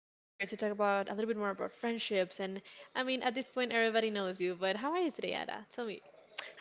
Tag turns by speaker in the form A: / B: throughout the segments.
A: get in here to talk about a little bit more about friendships. And I mean, at this point, everybody knows you. But how are you today, Ada? Tell me.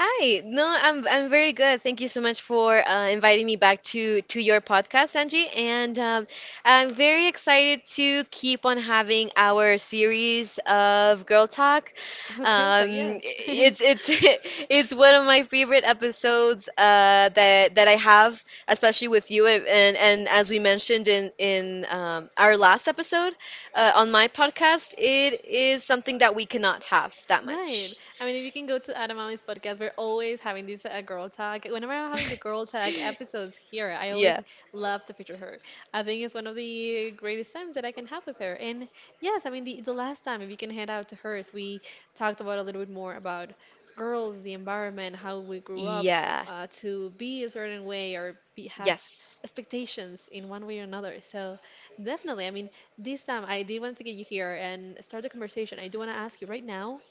B: Hi, no, I'm very good. Thank you so much for inviting me back to your podcast, Angie. And I'm very excited to keep on having our series of Girl Talk.
A: Oh, girls, like yes.
B: It's It's one of my favorite episodes that I have, especially with you. And as we mentioned in our last episode on my podcast, it is something that we cannot have that
A: Right.
B: much.
A: I mean, if you can go to Adam Mommy's podcast, we're always having this girl talk. Whenever I'm having the girl talk episodes here, I
B: Yeah.
A: always love to feature her. I think it's one of the greatest times that I can have with her. And yes, I mean, the last time, if you can head out to hers, we talked about a little bit more about girls, the environment, how we grew up
B: Yeah.
A: to be a certain way or have
B: Yes.
A: expectations in one way or another. So definitely, I mean, this time I did want to get you here and start the conversation. I do want to ask you right now.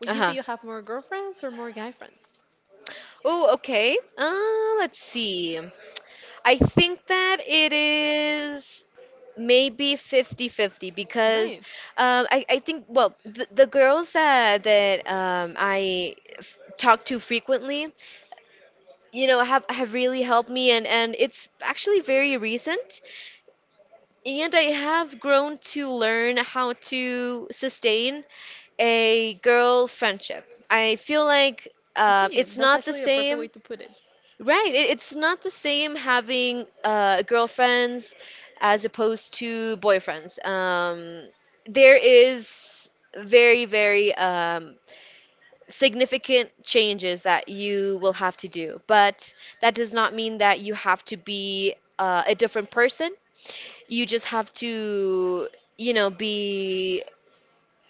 A: Would you say
B: Uh-huh.
A: you have more girlfriends or more guy friends?
B: Oh, okay. Let's see. I think that it is maybe 50-50
A: All
B: because
A: right.
B: I think, well, the girls that talk to frequently, you know, have really helped me and it's actually very recent. And I have grown to learn how to sustain a girl friendship. I feel like
A: Okay,
B: it's
A: that's
B: not the
A: actually a perfect way
B: same.
A: to put it.
B: Right, it's not the same having girlfriends as opposed to boyfriends. There is very significant changes that you will have to do, but that does not mean that you have to be a different person. You just have to, you know, be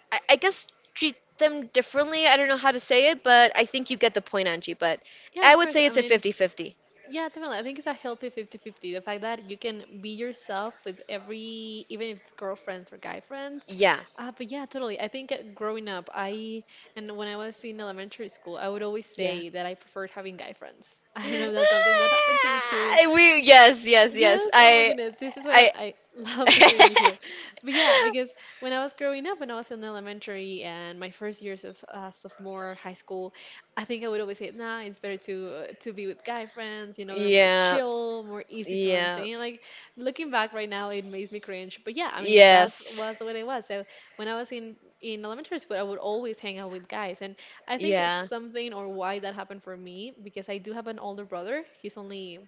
B: I guess treat them differently. I don't know how to say it, but I think you get the point, Angie. But
A: Yeah,
B: I
A: of
B: would
A: course.
B: say
A: I
B: it's a
A: mean,
B: 50-50.
A: yeah, definitely. I think it's a healthy fifty-fifty. The fact that you can be yourself with every, even if it's girlfriends or guy friends.
B: Yeah,
A: But yeah, totally. I think growing up, I, and when I was in elementary school, I would always
B: yeah.
A: say that I preferred having guy friends. I don't know if that's something that happened to you too.
B: Ah, we yes, yes, yes.
A: Yes, oh my
B: I
A: goodness. This is why
B: I
A: I I love featuring you here. But yeah, because when I was growing up, when I was in elementary and my first years of sophomore high school, I think I would always say, nah, it's better to to be with guy friends. You know, they're more
B: Yeah,
A: chill, more easy to
B: yeah.
A: maintain. Like looking back right now, it makes me cringe. But yeah, I mean, that's
B: Yes.
A: was the way I was. So when I was in elementary school, I would always hang out with guys, and I think
B: Yeah.
A: something or why that happened for me because I do have an older brother. He's only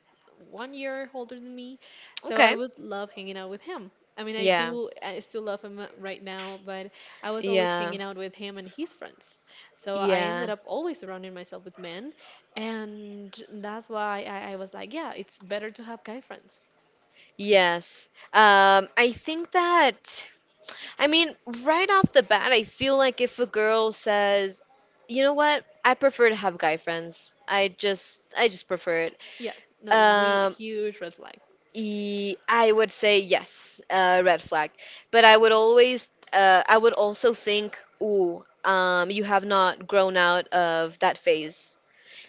A: one year older than me. So I
B: Okay.
A: would love hanging out with him. I mean, I
B: Yeah.
A: do, I still love him right now, but I was always
B: Yeah.
A: hanging out with him and his friends. So I
B: Yeah.
A: ended up always surrounding myself with men. And that's why I was like, yeah, it's better to have guy friends.
B: Yes. Um, I think that, I mean, right off the bat, I feel like if a girl says, you know what, I prefer to have guy friends. I just prefer it.
A: Yes, no, we,
B: Um,
A: huge red flag.
B: I would say yes, red flag. But I would always, I would also think, ooh, you have not grown out of that phase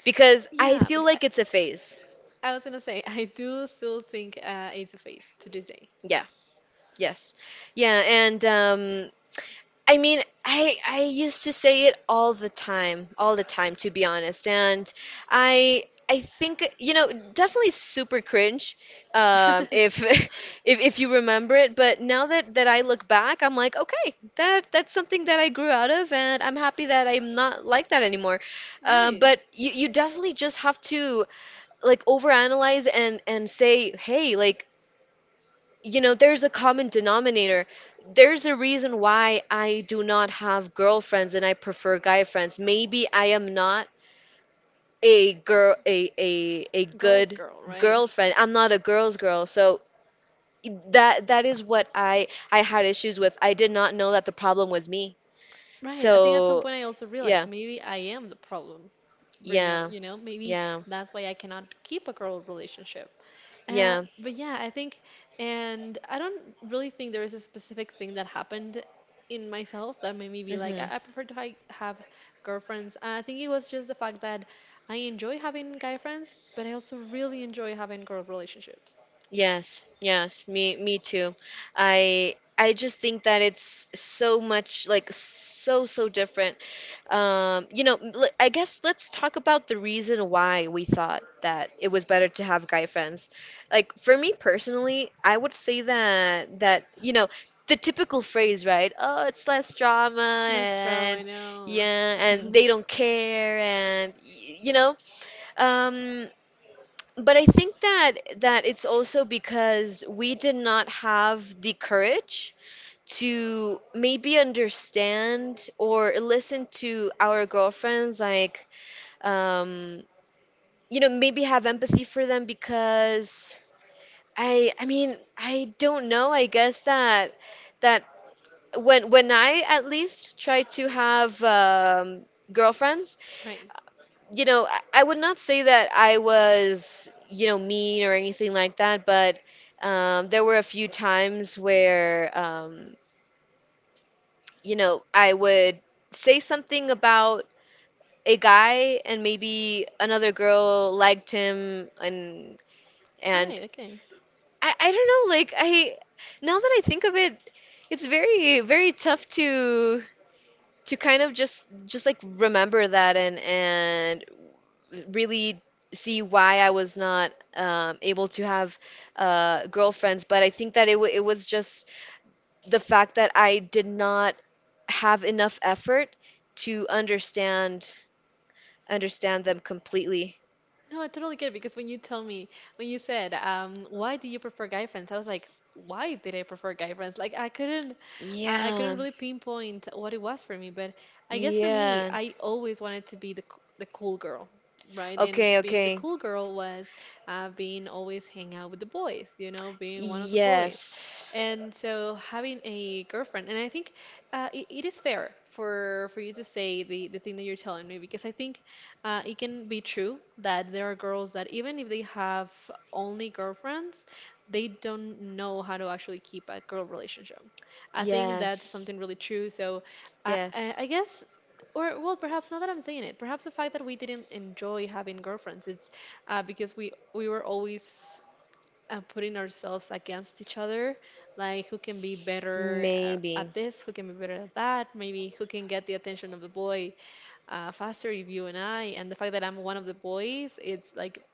B: because I
A: Yeah,
B: feel
A: bec- I
B: like it's a phase.
A: I was gonna say, I do still think it's a phase to this day.
B: Yeah. Yes. Yeah, and I mean, I used to say it all the time, to be honest. And I think, you know, definitely super cringe, if if you remember it. But now that I look back, I'm like, okay, that's something that I grew out of, and I'm happy that I'm not like that anymore.
A: Right.
B: But you definitely just have to like overanalyze and say, hey, like you know, there's a common denominator. There's a reason why I do not have girlfriends and I prefer guy friends. Maybe I am not a girl, a
A: Girl's
B: good
A: girl, right?
B: girlfriend. I'm not a girl's girl. So that is what I had issues with. I did not know that the problem was me.
A: Right. I think at some
B: So
A: point I also realized
B: yeah,
A: maybe I am the problem. You know,
B: yeah,
A: you know, maybe
B: yeah,
A: that's why I cannot keep a girl relationship.
B: yeah.
A: But yeah, I think, and I don't really think there is a specific thing that happened in myself that made me be like,
B: Hmm.
A: I prefer to hi have girlfriends. I think it was just the fact that I enjoy having guy friends, but I also really enjoy having girl relationships.
B: Yes, yes, me too. I just think that it's so much like so different. You know, I guess let's talk about the reason why we thought that it was better to have guy friends. Like for me personally, I would say that you know, the typical phrase, right? Oh, it's less drama
A: Less drama,
B: and
A: I know.
B: yeah, and they don't care and you know, um but I think that it's also because we did not have the courage to maybe understand or listen to our girlfriends, like um, you know, maybe have empathy for them because I mean, I don't know. I guess that that when I at least try to have girlfriends
A: Right.
B: you know, I would not say that I was, you know, mean or anything like that, but there were a few times where, you know, I would say something about a guy and maybe another girl liked him and
A: All
B: and
A: right. Okay.
B: I don't know, like I now that I think of it, it's very tough to kind of just like remember that and really see why I was not able to have girlfriends, but I think that it, it was just the fact that I did not have enough effort to understand understand them completely.
A: No, I totally get it because when you tell me, when you said, why do you prefer guy friends? I was like, why did I prefer guy friends? Like I couldn't, I
B: Yeah,
A: couldn't really pinpoint what it was for me, but I guess for me,
B: yeah.
A: I always wanted to be the cool girl, right?
B: Okay,
A: And being the
B: okay.
A: cool girl was being always hang out with the boys, you know, being one of the boys.
B: Yes,
A: And so having a girlfriend, and I think it, it is fair for you to say the thing that you're telling me because I think it can be true that there are girls that even if they have only girlfriends, they don't know how to actually keep a girl relationship. I think that's
B: yes,
A: something really true. So I, I,
B: yes.
A: I guess, or well, perhaps not that I'm saying it. Perhaps the fact that we didn't enjoy having girlfriends, it's because we were always putting ourselves against each other, like who can be better
B: Maybe.
A: at this, who can be better at that, maybe who can get the attention of the boy faster if you and I, and the fact that I'm one of the boys, it's like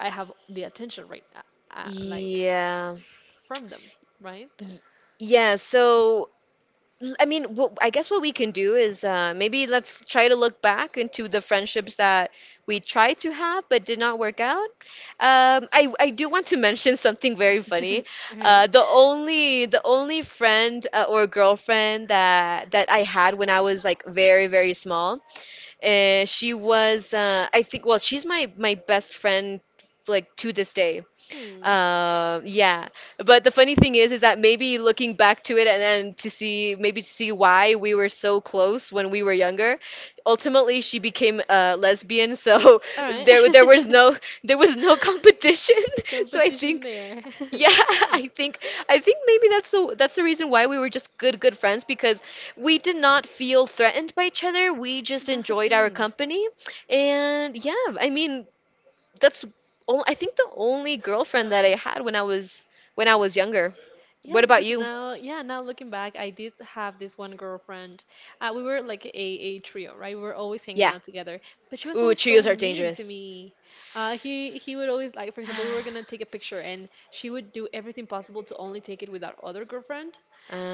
A: I have the attention right now, like
B: Yeah.
A: from them, right?
B: Y- yeah, so I mean, what I guess what we can do is maybe let's try to look back into the friendships that we tried to have but did not work out. I do want to mention something very funny.
A: All right.
B: Uh, the only friend or girlfriend that I had when I was like very small, she was I think well she's my best friend like to this day.
A: Hmm.
B: Yeah, but the funny thing is that maybe looking back to it and then to see maybe to see why we were so close when we were younger. Ultimately, she became a lesbian, so
A: All right.
B: there was no competition. So I
A: Competition
B: think,
A: there.
B: yeah, I think I think maybe that's the reason why we were just good friends because we did not feel threatened by each other. We just
A: That's the
B: enjoyed our
A: thing.
B: company, and yeah, I mean that's oh, I think the only girlfriend that I had when I was younger.
A: Yeah,
B: What about
A: because
B: you?
A: now, yeah, now looking back, I did have this one girlfriend. We were like a trio, right? We were always hanging
B: Yeah.
A: out together, but she was
B: Ooh,
A: always so
B: trios are
A: mean to
B: dangerous.
A: me. He would always like, for example, we were gonna take a picture, and she would do everything possible to only take it with our other girlfriend,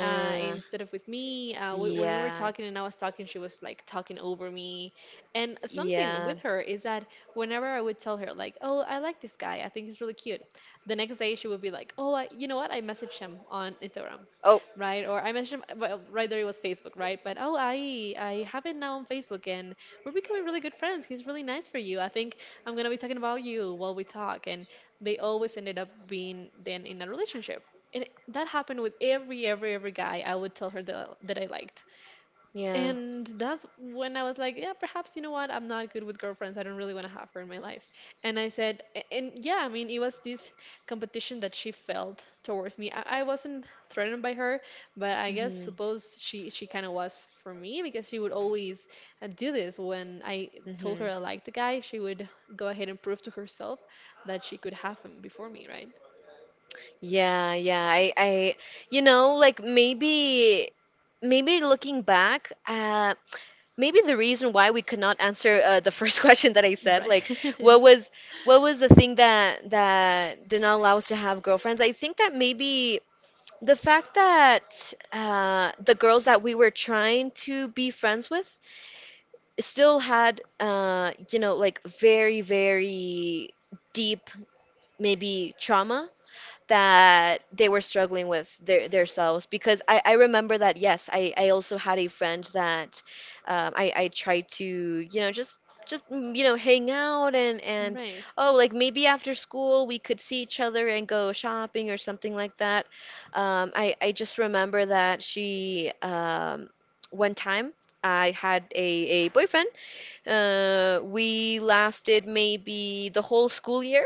A: instead of with me. W When we were
B: yeah,
A: talking and I was talking, she was like talking over me. And something
B: yeah.
A: with her is that whenever I would tell her like, "Oh, I like this guy. I think he's really cute," the next day she would be like, "Oh, I, you know what? I messaged him on Instagram,
B: Oh,
A: right? Or I messaged him well, right there. It was Facebook, right? But oh, I have it now on Facebook, and we're becoming really good friends. He's really nice for you. I think I'm gonna be talking about you while we talk." And they always ended up being then in a relationship and it- that happened with every guy I would tell her that I liked.
B: yeah.
A: And that's when I was like, yeah, perhaps, you know what? I'm not good with girlfriends. I don't really want to have her in my life. And I said, a- and yeah, I mean, it was this competition that she felt towards me. I wasn't threatened by her, but I guess
B: Mm-hmm,
A: suppose she kind of was for me because she would always do this. When I told her
B: mm-hmm.
A: I liked the guy, she would go ahead and prove to herself that she could have him before me, right?
B: Yeah, yeah. I, you know, like maybe looking back, maybe the reason why we could not answer the first question that I said, like
A: Right.
B: what was what was the thing that did not allow us to have girlfriends? I think that maybe the fact that the girls that we were trying to be friends with still had, you know, like very, very deep maybe trauma that they were struggling with their themselves because I remember that yes I also had a friend that I tried to you know just just you know hang out and
A: Right.
B: oh like maybe after school we could see each other and go shopping or something like that I just remember that she one time I had a boyfriend we lasted maybe the whole school year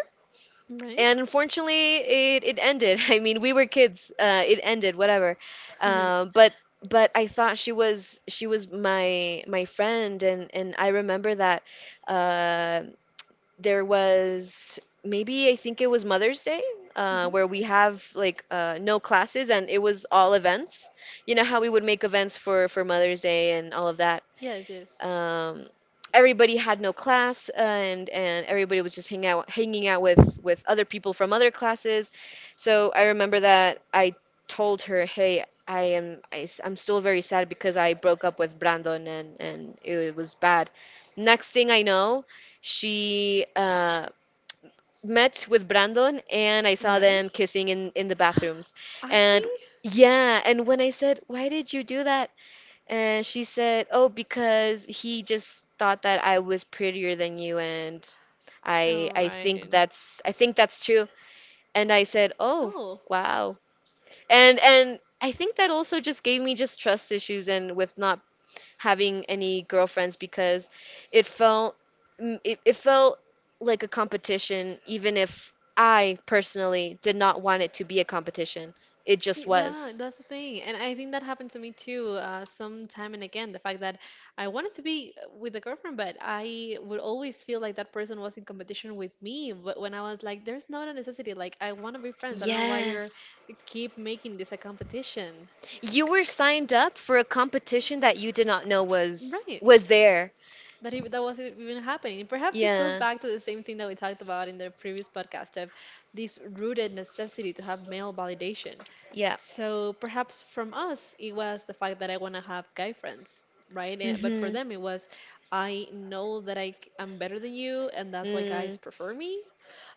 A: Right?
B: and unfortunately, it ended. I mean, we were kids. It ended, whatever.
A: Hmm.
B: Uh, but but I thought she was my friend, and I remember that uh, there was maybe I think it was Mother's Day, where we have like no classes, and it was all events. You know how we would make events for Mother's Day and all of that
A: Yes, yes.
B: um, everybody had no class and everybody was just hanging out with other people from other classes so I remember that I told her hey I am am still very sad because I broke up with Brandon and it was bad next thing I know she met with Brandon and I saw
A: Right?
B: them kissing in the bathrooms
A: Actually,
B: and yeah and when I said why did you do that and she said, "Oh, because he just thought that I was prettier than you and
A: oh, right.
B: I think that's true." And I said, "Oh,
A: Oh,
B: wow." And I think that also just gave me just trust issues and with not having any girlfriends because it felt it felt like a competition even if I personally did not want it to be a competition. It just
A: that
B: was.
A: that's the thing, and I think that happened to me too, some time and again. The fact that I wanted to be with a girlfriend, but I would always feel like that person was in competition with me. But when I was like, "There's not a necessity. Like, I want to be friends. I don't know why you're
B: Yes.
A: keep making this a competition."
B: You were signed up for a competition that you did not know was
A: Right.
B: was there.
A: that It, that was even happening. Perhaps this goes
B: Yeah,
A: back to the same thing that we talked about in the previous podcast of this rooted necessity to have male validation.
B: yeah.
A: So perhaps from us, it was the fact that I want to have guy friends, right? And, but for
B: Mm-hmm.
A: them, it was I know that am better than you, and that's why guys
B: Mm,
A: prefer me.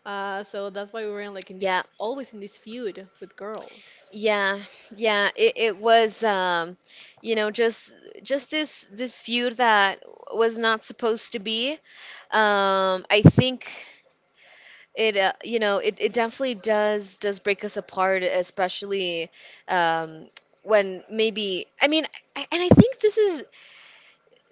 A: So that's why we were in, like in
B: yeah,
A: this always in this feud with girls.
B: yeah, yeah. It was you know, just this this feud that was not supposed to be. I think it you know, it definitely does break us apart, especially um when maybe I mean, I, and I think this is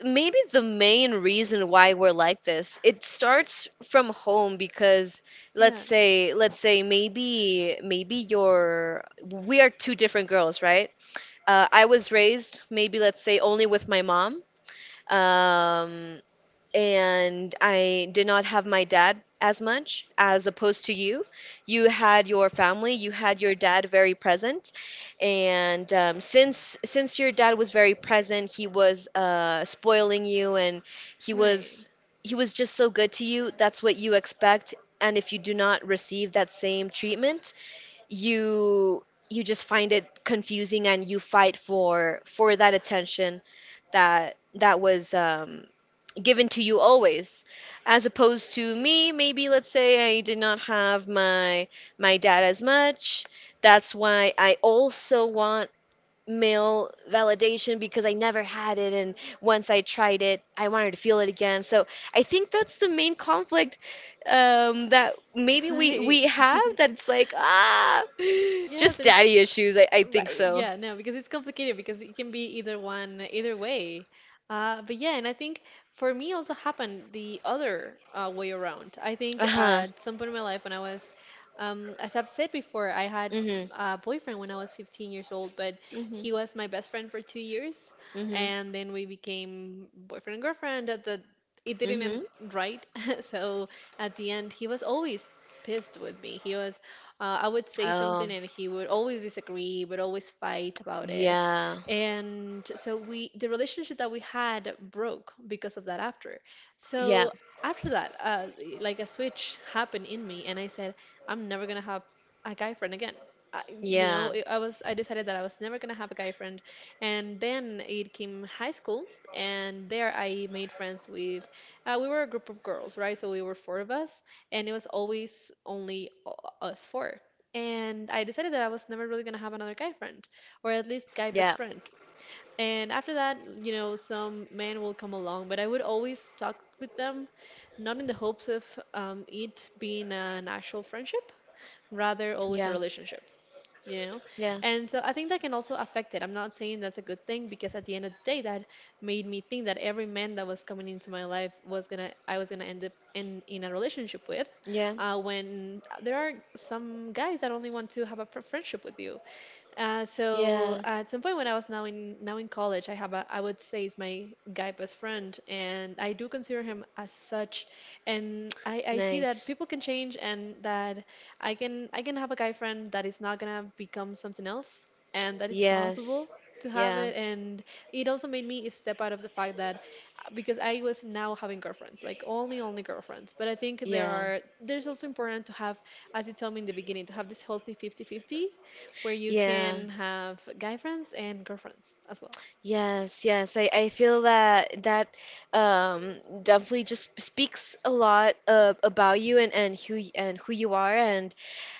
B: maybe the main reason why we're like this it starts from home because let's
A: Yes,
B: say let's say maybe you're we are two different girls right I was raised maybe let's say only with my mom um and I did not have my dad as much as opposed to you. You had your family, you had your dad very present, and since your dad was very present, he was spoiling you, and he
A: right,
B: was he was just so good to you. That's what you expect, and if you do not receive that same treatment, you you just find it confusing and you fight for that attention that was given to you always as opposed to me maybe let's say I did not have my dad as much that's why I also want male validation because I never had it. And once I tried it, I wanted to feel it again. So I think that's the main conflict that maybe we
A: right.
B: have that's like, ah,
A: Yes,
B: just
A: and it's
B: daddy issues. I think
A: right.
B: so.
A: Yeah, no, because it's complicated because it can be either one, either way. But yeah, and I think for me also happened the other way around. I think
B: Uh-huh.
A: at some point in my life when I was, as I've said before, I had
B: hmm
A: a boyfriend when I was 15 years old, but
B: hmm
A: he was my best friend for 2 years,
B: hmm
A: and then we became boyfriend and girlfriend. That the It didn't
B: hmm
A: end right, so at the end he was always pissed with me. He was I would say
B: Oh,
A: something and he would always disagree, would always fight about it.
B: yeah.
A: And so we the relationship that we had broke because of that after.
B: Yeah.
A: So after that, like a switch happened in me and I said, I'm never gonna have a guy friend again. I, you
B: Yeah.
A: know, I decided that I was never gonna have a guy friend. And then it came high school, and there I made friends with. We were a group of girls, right? So we were four of us, and it was always only us four. And I decided that I was never really gonna have another guy friend, or at least guy best
B: Yeah.
A: friend. And after that, some man will come along, but I would always talk with them, not in the hopes of it being an actual friendship, rather always a
B: Yeah.
A: relationship you know?
B: Yeah.
A: And so I think that can also affect it. I'm not saying that's a good thing because at the end of the day, that made me think that every man that was coming into my life was gonna end up in a relationship with,
B: Yeah.
A: when there are some guys that only want to have a friendship with you. So
B: Yeah.
A: at some point when I was now in college, I have a I would say is my guy best friend, and I do consider him as such. And I see that
B: Nice.
A: people can change, and that I can have a guy friend that is not gonna become something else, and that it's
B: Yes.
A: possible to have
B: Yeah.
A: it. And it also made me step out of the fact that because I was now having girlfriends, like only girlfriends. But I think there
B: Yeah.
A: are there's also important to have, as you told me in the beginning, to have this healthy fifty fifty where you
B: Yeah.
A: can have guy friends and girlfriends as well.
B: Yes, yes. I feel that that um definitely just speaks a lot about you and who and who you are and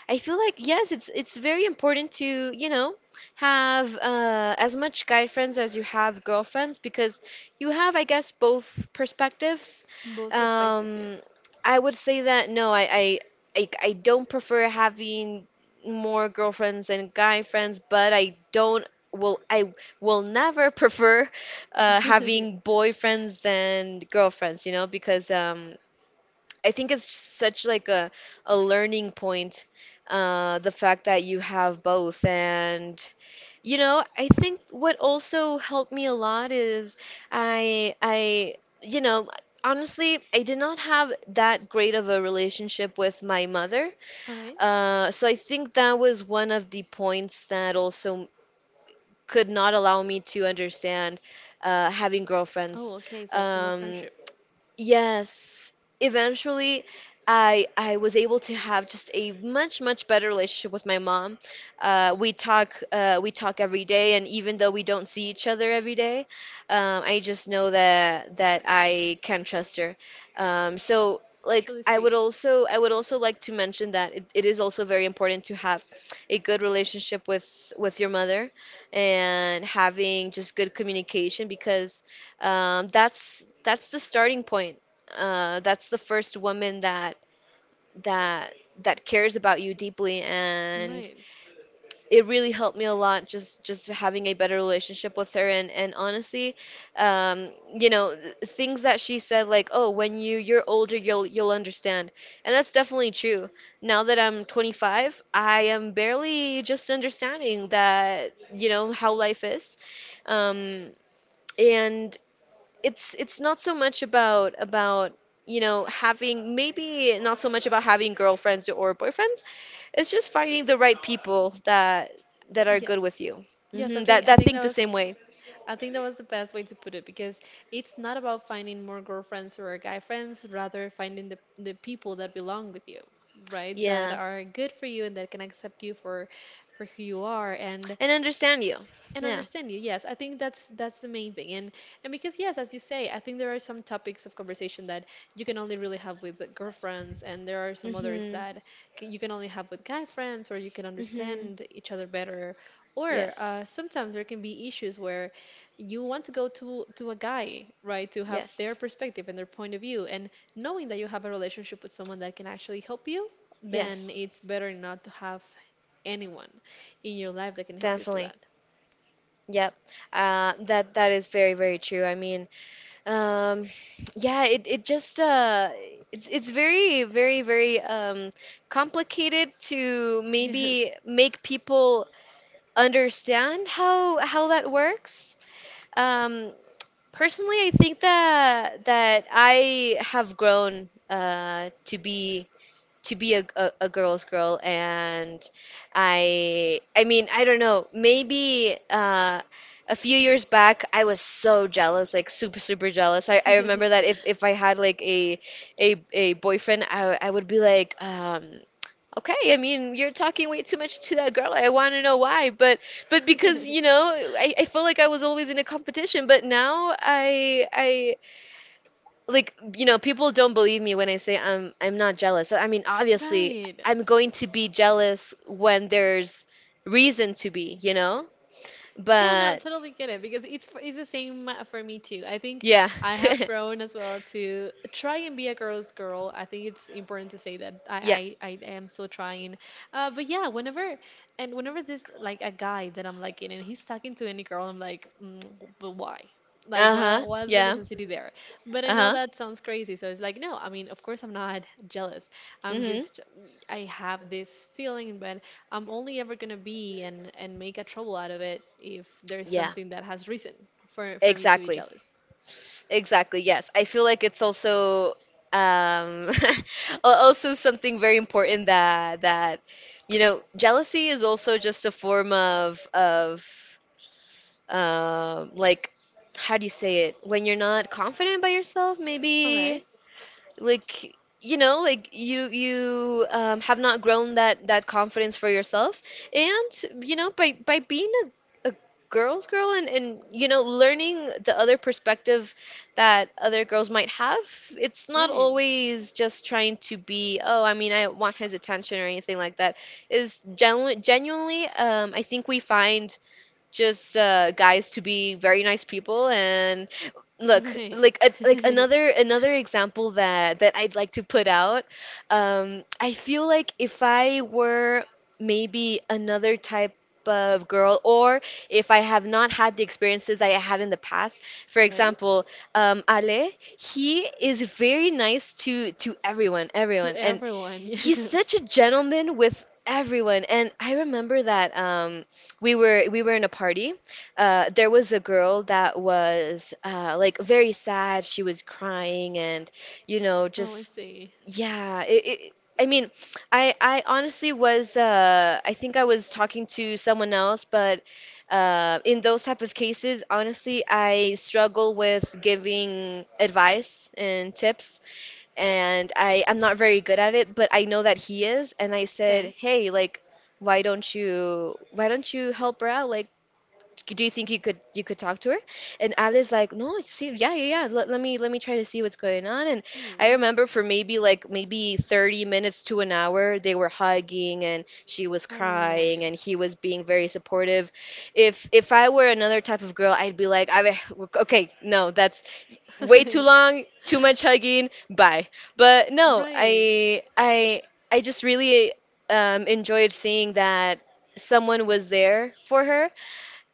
B: I feel like yes, it's very important to, you know, have as much guy friends as you have girlfriends because you have, I guess, both perspectives.
A: Both perspectives,
B: Um,
A: yes.
B: I would say that no, I I don't prefer having more girlfriends than guy friends, but I don't will I will never prefer having boyfriends than girlfriends, you know, because I think it's such like a learning point, the fact that you have both. And you know, I think what also helped me a lot is I you know, honestly, I did not have that great of a relationship with my mother.
A: All right.
B: So I think that was one of the points that also could not allow me to understand having girlfriends.
A: Oh, okay. So female
B: Um,
A: friendship.
B: Yes, eventually I was able to have just a much much better relationship with my mom. We talk every day, and even though we don't see each other every day, I just know that that I can trust her. So
A: That's
B: like
A: really sweet.
B: I would also like to mention that it is also very important to have a good relationship with your mother and having just good communication because that's the starting point. That's the first woman that that cares about you deeply, and
A: Right.
B: it really helped me a lot. Just having a better relationship with her, and honestly, you know, things that she said like, oh, when you you're older, you'll understand, and that's definitely true. Now that I'm 25, I am barely just understanding that you know how life is. Um, and it's not so much about you know having maybe not so much about having girlfriends or boyfriends. It's just finding the right people that
A: Uh,
B: that are good
A: yes.
B: with you.
A: Yes,
B: Hmm. That
A: I
B: that
A: think that
B: think the
A: was
B: same way.
A: I think that was the best way to put it because it's not about finding more girlfriends or guy friends, rather finding the people that belong with you, right? That
B: Yeah,
A: are good for you and that can accept you for who you are. And
B: and understand you.
A: and
B: Yeah.
A: understand you. Yes, I think that's the main thing. And because, yes, as you say, I think there are some topics of conversation that you can only really have with the girlfriends, and there are some others
B: Mhm.
A: that you can only have with guy friends, or you can
B: Mhm.
A: understand each other better, or
B: Yes.
A: sometimes there can be issues where you want to go to a guy, right, to have their
B: Yes.
A: perspective and their point of view, and knowing that you have a relationship with someone that can actually help you, then
B: Yes.
A: it's better not to have anyone in your life that can help you through
B: Definitely.
A: that.
B: Yep. That that is very, very true. I mean, Um, yeah, it just it's very very very complicated to maybe
A: Yes.
B: make people understand how that works. Um, personally, I think that I have grown to be a girl's girl and I mean I don't know maybe a few years back I was so jealous, like super super jealous. I remember that if I had like a boyfriend I would be like, okay, I mean, you're talking way too much to that girl, I want to know why, but because you know, I feel like I was always in a competition but now I, like, you know, people don't believe me when I say I'm not jealous. So, I mean obviously
A: Right.
B: I'm going to be jealous when there's reason to be, you know,
A: Yeah, no,
B: but
A: totally get it because it's it's the same for me too. I think
B: yeah.
A: I have grown as well to try and be a girl's girl. I think it's important to say that
B: Yeah.
A: I am still trying. But yeah, whenever there's like a guy that I'm liking and he's talking to any girl, I'm like, mm, but why? Like, why
B: Uh-huh.
A: what's the
B: Yeah.
A: necessity there? But I know
B: Uh-huh.
A: that sounds crazy, so it's like, no. I mean, of course, I'm not jealous. I'm
B: Mm-hmm.
A: just I have this feeling, but I'm only ever gonna be and make a trouble out of it if there's
B: Yeah.
A: something that has reason for me to be
B: Exactly.
A: jealous.
B: Exactly, yes. I feel like it's also um also something very important that, you know, jealousy is also just a form of of um like how do you say it when you're not confident by yourself
A: All right,
B: maybe, like, you know, like you you have not grown that that confidence for yourself and you know by being a girl's girl and you know learning the other perspective that other girls might have. It's not
A: right,
B: always just trying to be oh I mean I want his attention or anything like that. Is genuinely, I think we find just guys to be very nice people. And look,
A: right,
B: like a, like another another example that that I'd like to put out, I feel like if I were maybe another type of girl, or if I have not had the experiences I had in the past, for
A: right.
B: example, Ale, he is very nice to everyone
A: To
B: everyone. And
A: everyone,
B: he's such
A: yes.
B: a gentleman with everyone. And I remember that we were in a party. There was a girl that was like, very sad. She was crying, and you know,
A: Oh, I
B: just
A: see.
B: yeah. It, I mean, I honestly was I think I was talking to someone else, but in those type of cases, honestly, I struggle with giving advice and tips, and I'm not very good at it, but I know that he is. And I said,
A: Okay.
B: "Hey, like, why don't you help her out? Like, do you think you could talk to her?" And Alice like, "No, see, yeah, yeah, yeah. Let, let me try to see what's going on." And I
A: Hmm.
B: remember for maybe like maybe 30 minutes to an hour, they were hugging and she was
A: All right.
B: crying and he was being very supportive. If I were another type of girl, I'd be like, I, okay, no, that's way too long, too much hugging, bye. But no,
A: Right,
B: I I just really, enjoyed seeing that someone was there for her,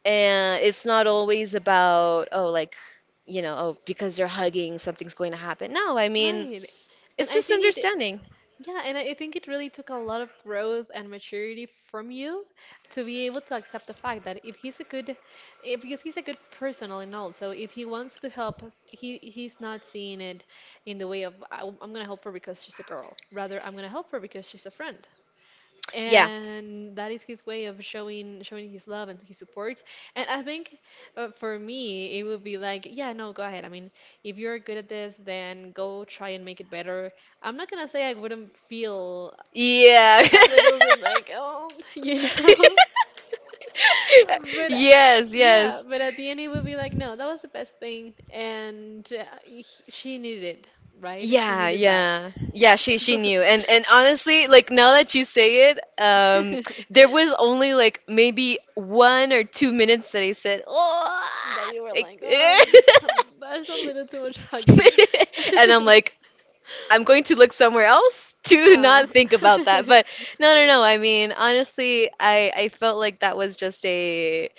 B: and it's not always about oh like you know oh because they're hugging something's going to happen. No, I mean
A: right. And
B: it's
A: I
B: just
A: think it
B: understanding.
A: Yeah, and I think it really took a lot of growth and maturity from you to be able to accept the fact that if he's a good, if, because he's a good person all in all, so if he wants to help us, he's not seeing it in the way of "I'm gonna help her because she's a girl. Rather, I'm gonna help her because she's a friend
B: Yeah,
A: and that is his way of showing his love and his support. And I think, for me it would be like, yeah, no, go ahead. I mean, if you're good at this, then go try and make it better. I'm not gonna say I wouldn't feel
B: yeah.
A: a little bit like, oh, but
B: Yes,
A: yeah,
B: yes.
A: but at the end it would be like, no, that was the best thing. And she needed, right, she
B: Yeah,
A: needed that.
B: yeah. Yeah, she knew. And honestly, like now that you say it, there was only like maybe 1 or 2 minutes that I said, "Oh."
A: That you were
B: Like,
A: like, that's a little too much hugging.
B: and I'm like, I'm going to look somewhere else to not
A: Oh.
B: think about that. But no, no, no. I mean, honestly, I felt like that was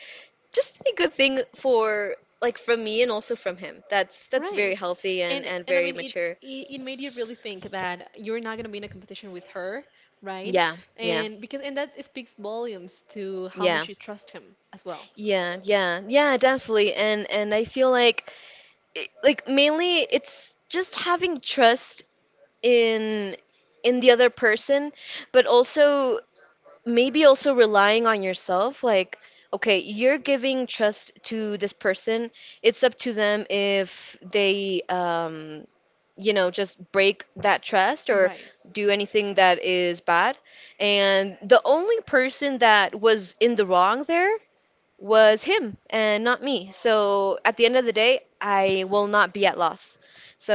B: just a good thing for like from me and also from him. That's
A: Right.
B: very healthy
A: And
B: and
A: and I
B: very
A: mean it,
B: mature.
A: it it made you really think that you're not gonna be in a competition with her, right?
B: Yeah, yeah,
A: And because and that speaks volumes to how
B: yeah,
A: much you trust him as well.
B: yeah, yeah, yeah, definitely. And I feel like it, like mainly it's just having trust in in the other person, but also maybe also relying on yourself. Like, okay, you're giving trust to this person. It's up to them if they you know just break that trust or
A: Right.
B: do anything that is bad. And the only person that was in the wrong there was him and not me. So at the end of the day, I will not be at loss.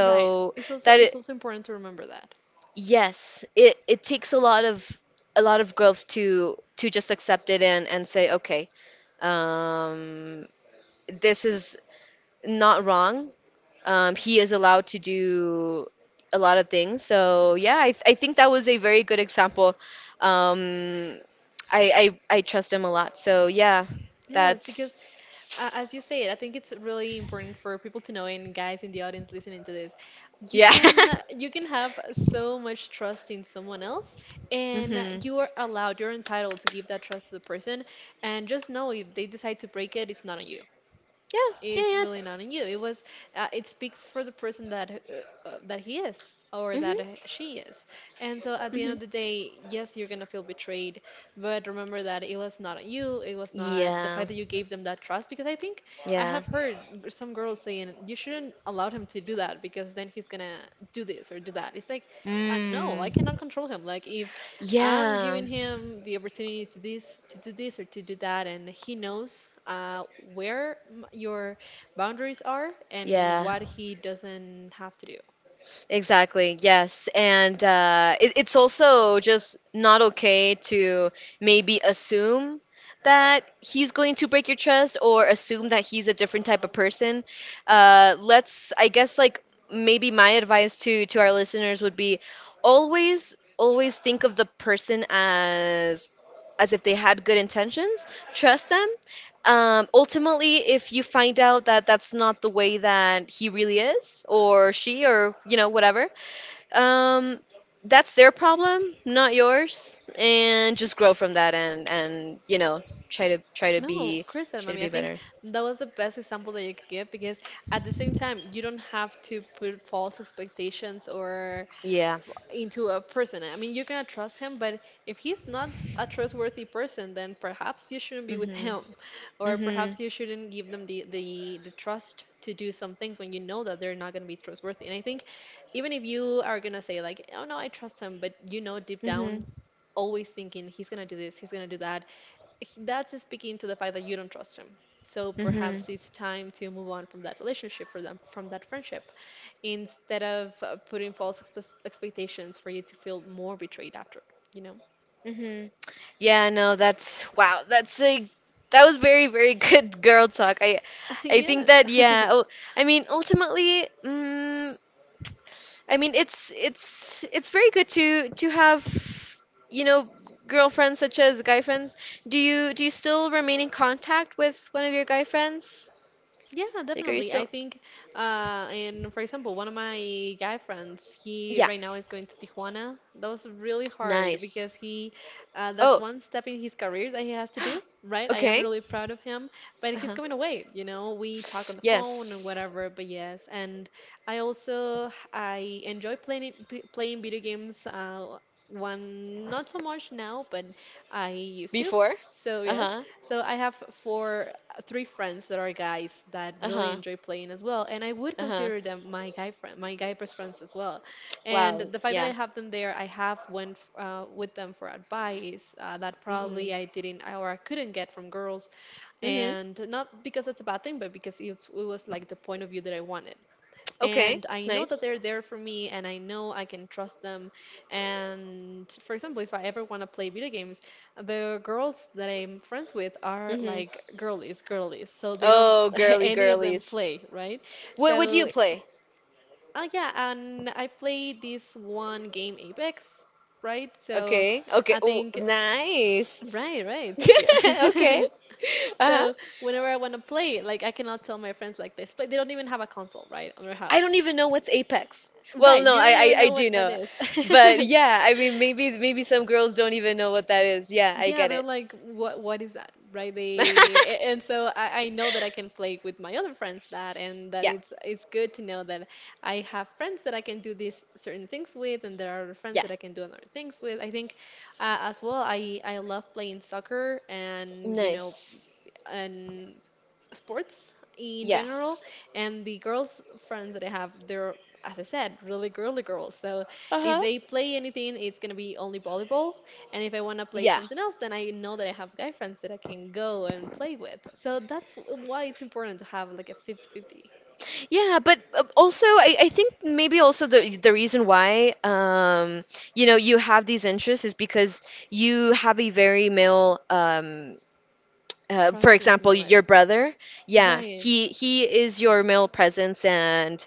A: Right. It's also
B: that
A: it's
B: it,
A: also important to remember that.
B: yes, it takes a lot of growth to just accept it and say, okay, um, this is not wrong. He is allowed to do a lot of things. So yeah, I think that was a very good example. Um, I I trust him a lot. So yeah,
A: Yes,
B: that's.
A: because as you say, I think it's really important for people to know, and guys in the audience listening to this, you
B: Yeah.
A: can you can have so much trust in someone else, and
B: Mhm.
A: you are allowed, you're entitled to give that trust to the person, and just know if they decide to break it, it's not on you.
B: Yeah.
A: It's
B: Yeah. Yeah.
A: really not in you. It was it speaks for the person that that he is or
B: Mhm.
A: that she is. And so at the end
B: Mhm.
A: of the day, yes, you're gonna feel betrayed, but remember that it was not on you. It was not the
B: Yeah.
A: fact that you gave them that trust because I think I
B: Yeah.
A: have heard some girls saying you shouldn't allow him to do that because then he's gonna do this or do that. It's like no, I
B: Mm.
A: cannot control him. Like if I'm
B: Yeah.
A: giving him the opportunity to do this or to do that, and he knows where your boundaries are and
B: Yeah.
A: what he doesn't have to do.
B: Exactly, yes. And it, it's also just not okay to maybe assume that he's going to break your trust or assume that he's a different type of person. Let's, I guess, like maybe my advice to our listeners would be always, always think of the person as if they had good intentions. Trust them, ultimately, if you find out that that's not the way that he really is, or she, or you know, whatever, um, that's their problem, not yours, and just grow from that and you know, try to
A: No, of course not,
B: try to
A: mommy. I
B: be
A: think
B: better.
A: that was the best example that you could give because at the same time, you don't have to put false expectations or
B: Yeah.
A: into a person. I mean, you're gonna trust him, but if he's not a trustworthy person, then perhaps you shouldn't be with
B: Mhm.
A: him, or
B: Mhm.
A: perhaps you shouldn't give them the trust to do some things when you know that they're not gonna be trustworthy. And I think even if you are gonna say like, "Oh no, I trust him," but you know deep
B: Mhm.
A: down always thinking he's gonna do this, he's gonna do that, that's speaking to the fact that you don't trust him. So
B: Mhm.
A: perhaps it's time to move on from that relationship, for them, from that friendship, instead of putting false expectations for you to feel more betrayed after, you know?
B: Hmm. Yeah, no, that's wow. That's a that was very, very good girl talk. I I think
A: Yes.
B: that yeah. Oh, I mean, ultimately, mm, I mean, it's very good to have, you know, girlfriends such as guy friends. Do you still remain in contact with one of your guy friends?
A: Yeah,
B: Like, are you
A: definitely. I
B: still?
A: think, and for example, one of my guy friends, he
B: Yeah,
A: right now is going to Tijuana. That was really hard
B: nice.
A: because that's
B: Oh,
A: one step in his career that he has to do, right? I am
B: okay.
A: really proud of him, but he's
B: Uh-huh.
A: going away, you know, we talk on the phone and
B: Yes.
A: whatever, but yes. And I also, I enjoy playing playing video games, one not so much now, but I used to.
B: Before?
A: So yes,
B: Uh-huh.
A: so I have three friends that are guys that really
B: Uh-huh.
A: enjoy playing as well, and I would
B: Uh-huh.
A: consider them my guy friend, my guy best friends as well. And
B: Wow.
A: the fact that
B: Yeah.
A: I have them there, I have went with them for advice that
B: Mhm.
A: probably I didn't or I couldn't get from girls,
B: Mhm.
A: and not because that's a bad thing, but because it was like the point of view that I wanted
B: Okay.
A: and I know that
B: Nice.
A: they're there for me and I know I can trust them. And for example, if I ever want to play video games, the girls that I'm friends with are
B: Mhm.
A: like girlies, girlies. So they don't
B: Oh, girly
A: any of them
B: girlies.
A: play, right?
B: What do you
A: So,
B: play?
A: oh yeah, and I played this one game Apex, right? So
B: Okay. Okay.
A: I
B: Oh,
A: think
B: nice.
A: Right, right. Thank you.
B: Okay. Uh-huh.
A: So whenever I want to play, like I cannot tell my friends like this, but they don't even have a console, right, on their
B: I
A: house.
B: don't even know what's Apex. Well,
A: Right,
B: no,
A: you
B: I,
A: don't
B: I
A: even
B: I
A: know
B: do
A: what that
B: know.
A: is.
B: But yeah, I mean maybe maybe some girls don't even know what that is. Yeah, I
A: Yeah,
B: get
A: they're
B: it.
A: like, what is that? Right? They and so I know that I can play with my other friends that and that
B: Yeah.
A: it's good to know that I have friends that I can do these certain things with and there are other friends
B: Yeah.
A: that I can do other things with. I think as well I love playing soccer and you know
B: Nice.
A: and sports in general.
B: Yes.
A: And the girls friends that I have, they're, as I said, really girly girls. So if
B: Uh-huh.
A: they play anything, it's gonna be only volleyball. And if I wanna play
B: Yeah.
A: something else, then I know that I have guy friends that I can go and play with. So that's why it's important to have like a fifty-fifty
B: Yeah, but also I think maybe also the reason why, you know, you have these interests is because you have a very male um, for
A: presence in my
B: example,
A: life.
B: your brother, yeah,
A: Right.
B: he is your male presence, and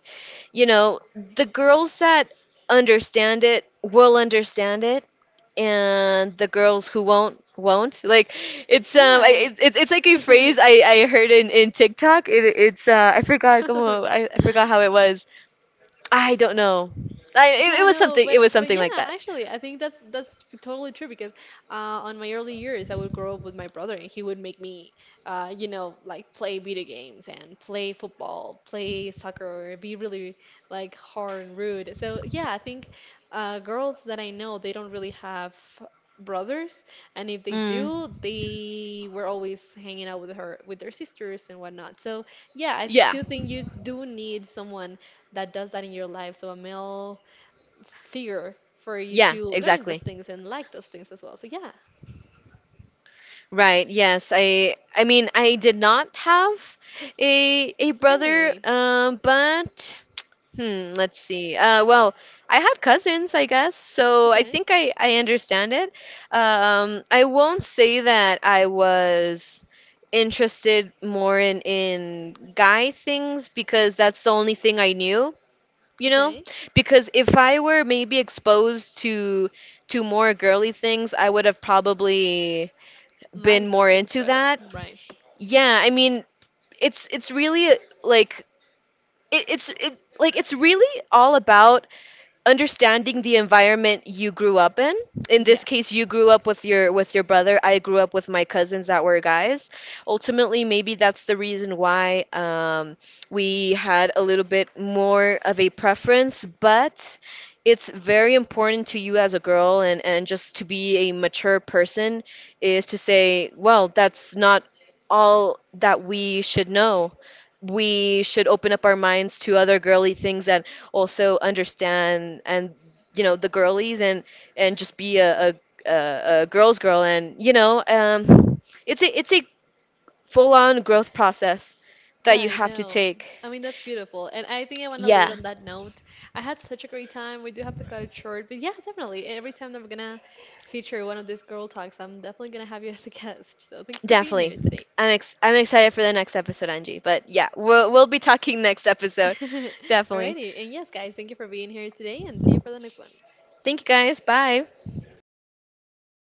B: you know the girls that understand it will understand it, and the girls who won't won't. Like it's
A: Yeah.
B: it, it, it's like a phrase I heard in TikTok. It, it's I forgot como, I forgot how it was. I don't know. I it,
A: Yeah, no,
B: it was
A: but
B: something
A: yeah,
B: like that.
A: actually, I think that's totally true because on my early years, I would grow up with my brother, and he would make me, like play video games and play football, play soccer, be really like hard and rude. So yeah, I think girls that I know, they don't really have brothers, and if they
B: Mm,
A: do, they were always hanging out with their sisters and whatnot. So yeah, I
B: yeah,
A: do think you do need someone that does that in your life. So a male fear for you
B: yeah,
A: to learn those
B: exactly.
A: things and like those things as well. So yeah,
B: Right, yes. I mean I did not have a brother,
A: okay,
B: but hmm, let's see. Well, I had cousins, I guess, so I
A: okay,
B: think I understand it. I won't say that I was interested more in guy things because that's the only thing I knew, you know?
A: okay.
B: Because if I were maybe exposed to more girly things, I would have probably been
A: Like
B: more
A: those things
B: into
A: better,
B: that.
A: right?
B: Yeah, I mean, it's really like it, it's it like it's really all about understanding the environment you grew up in. In this
A: Yes.
B: case, you grew up with your brother. I grew up with my cousins that were guys. Ultimately, maybe that's the reason why we had a little bit more of a preference, but it's very important to you as a girl and just to be a mature person is to say, well, that's not all that we should know. We should open up our minds to other girly things that also understand and you know the girlies and just be a girl's girl and you know it's a full on growth process that you
A: Right,
B: have to
A: no.
B: take.
A: I mean, that's beautiful. And I think I want to leave it
B: Yeah,
A: on that note. I had such a great time. We do have to cut it short, but yeah, definitely. Every time that we're gonna feature one of these girl talks, I'm definitely gonna have you as a guest. So thank you for being
B: definitely.
A: here today.
B: I'm excited for the next episode, Angie. But yeah, we'll be talking next episode, definitely.
A: Alrighty. And yes, guys, thank you for being here today and see you for the next one.
B: Thank you guys. Bye.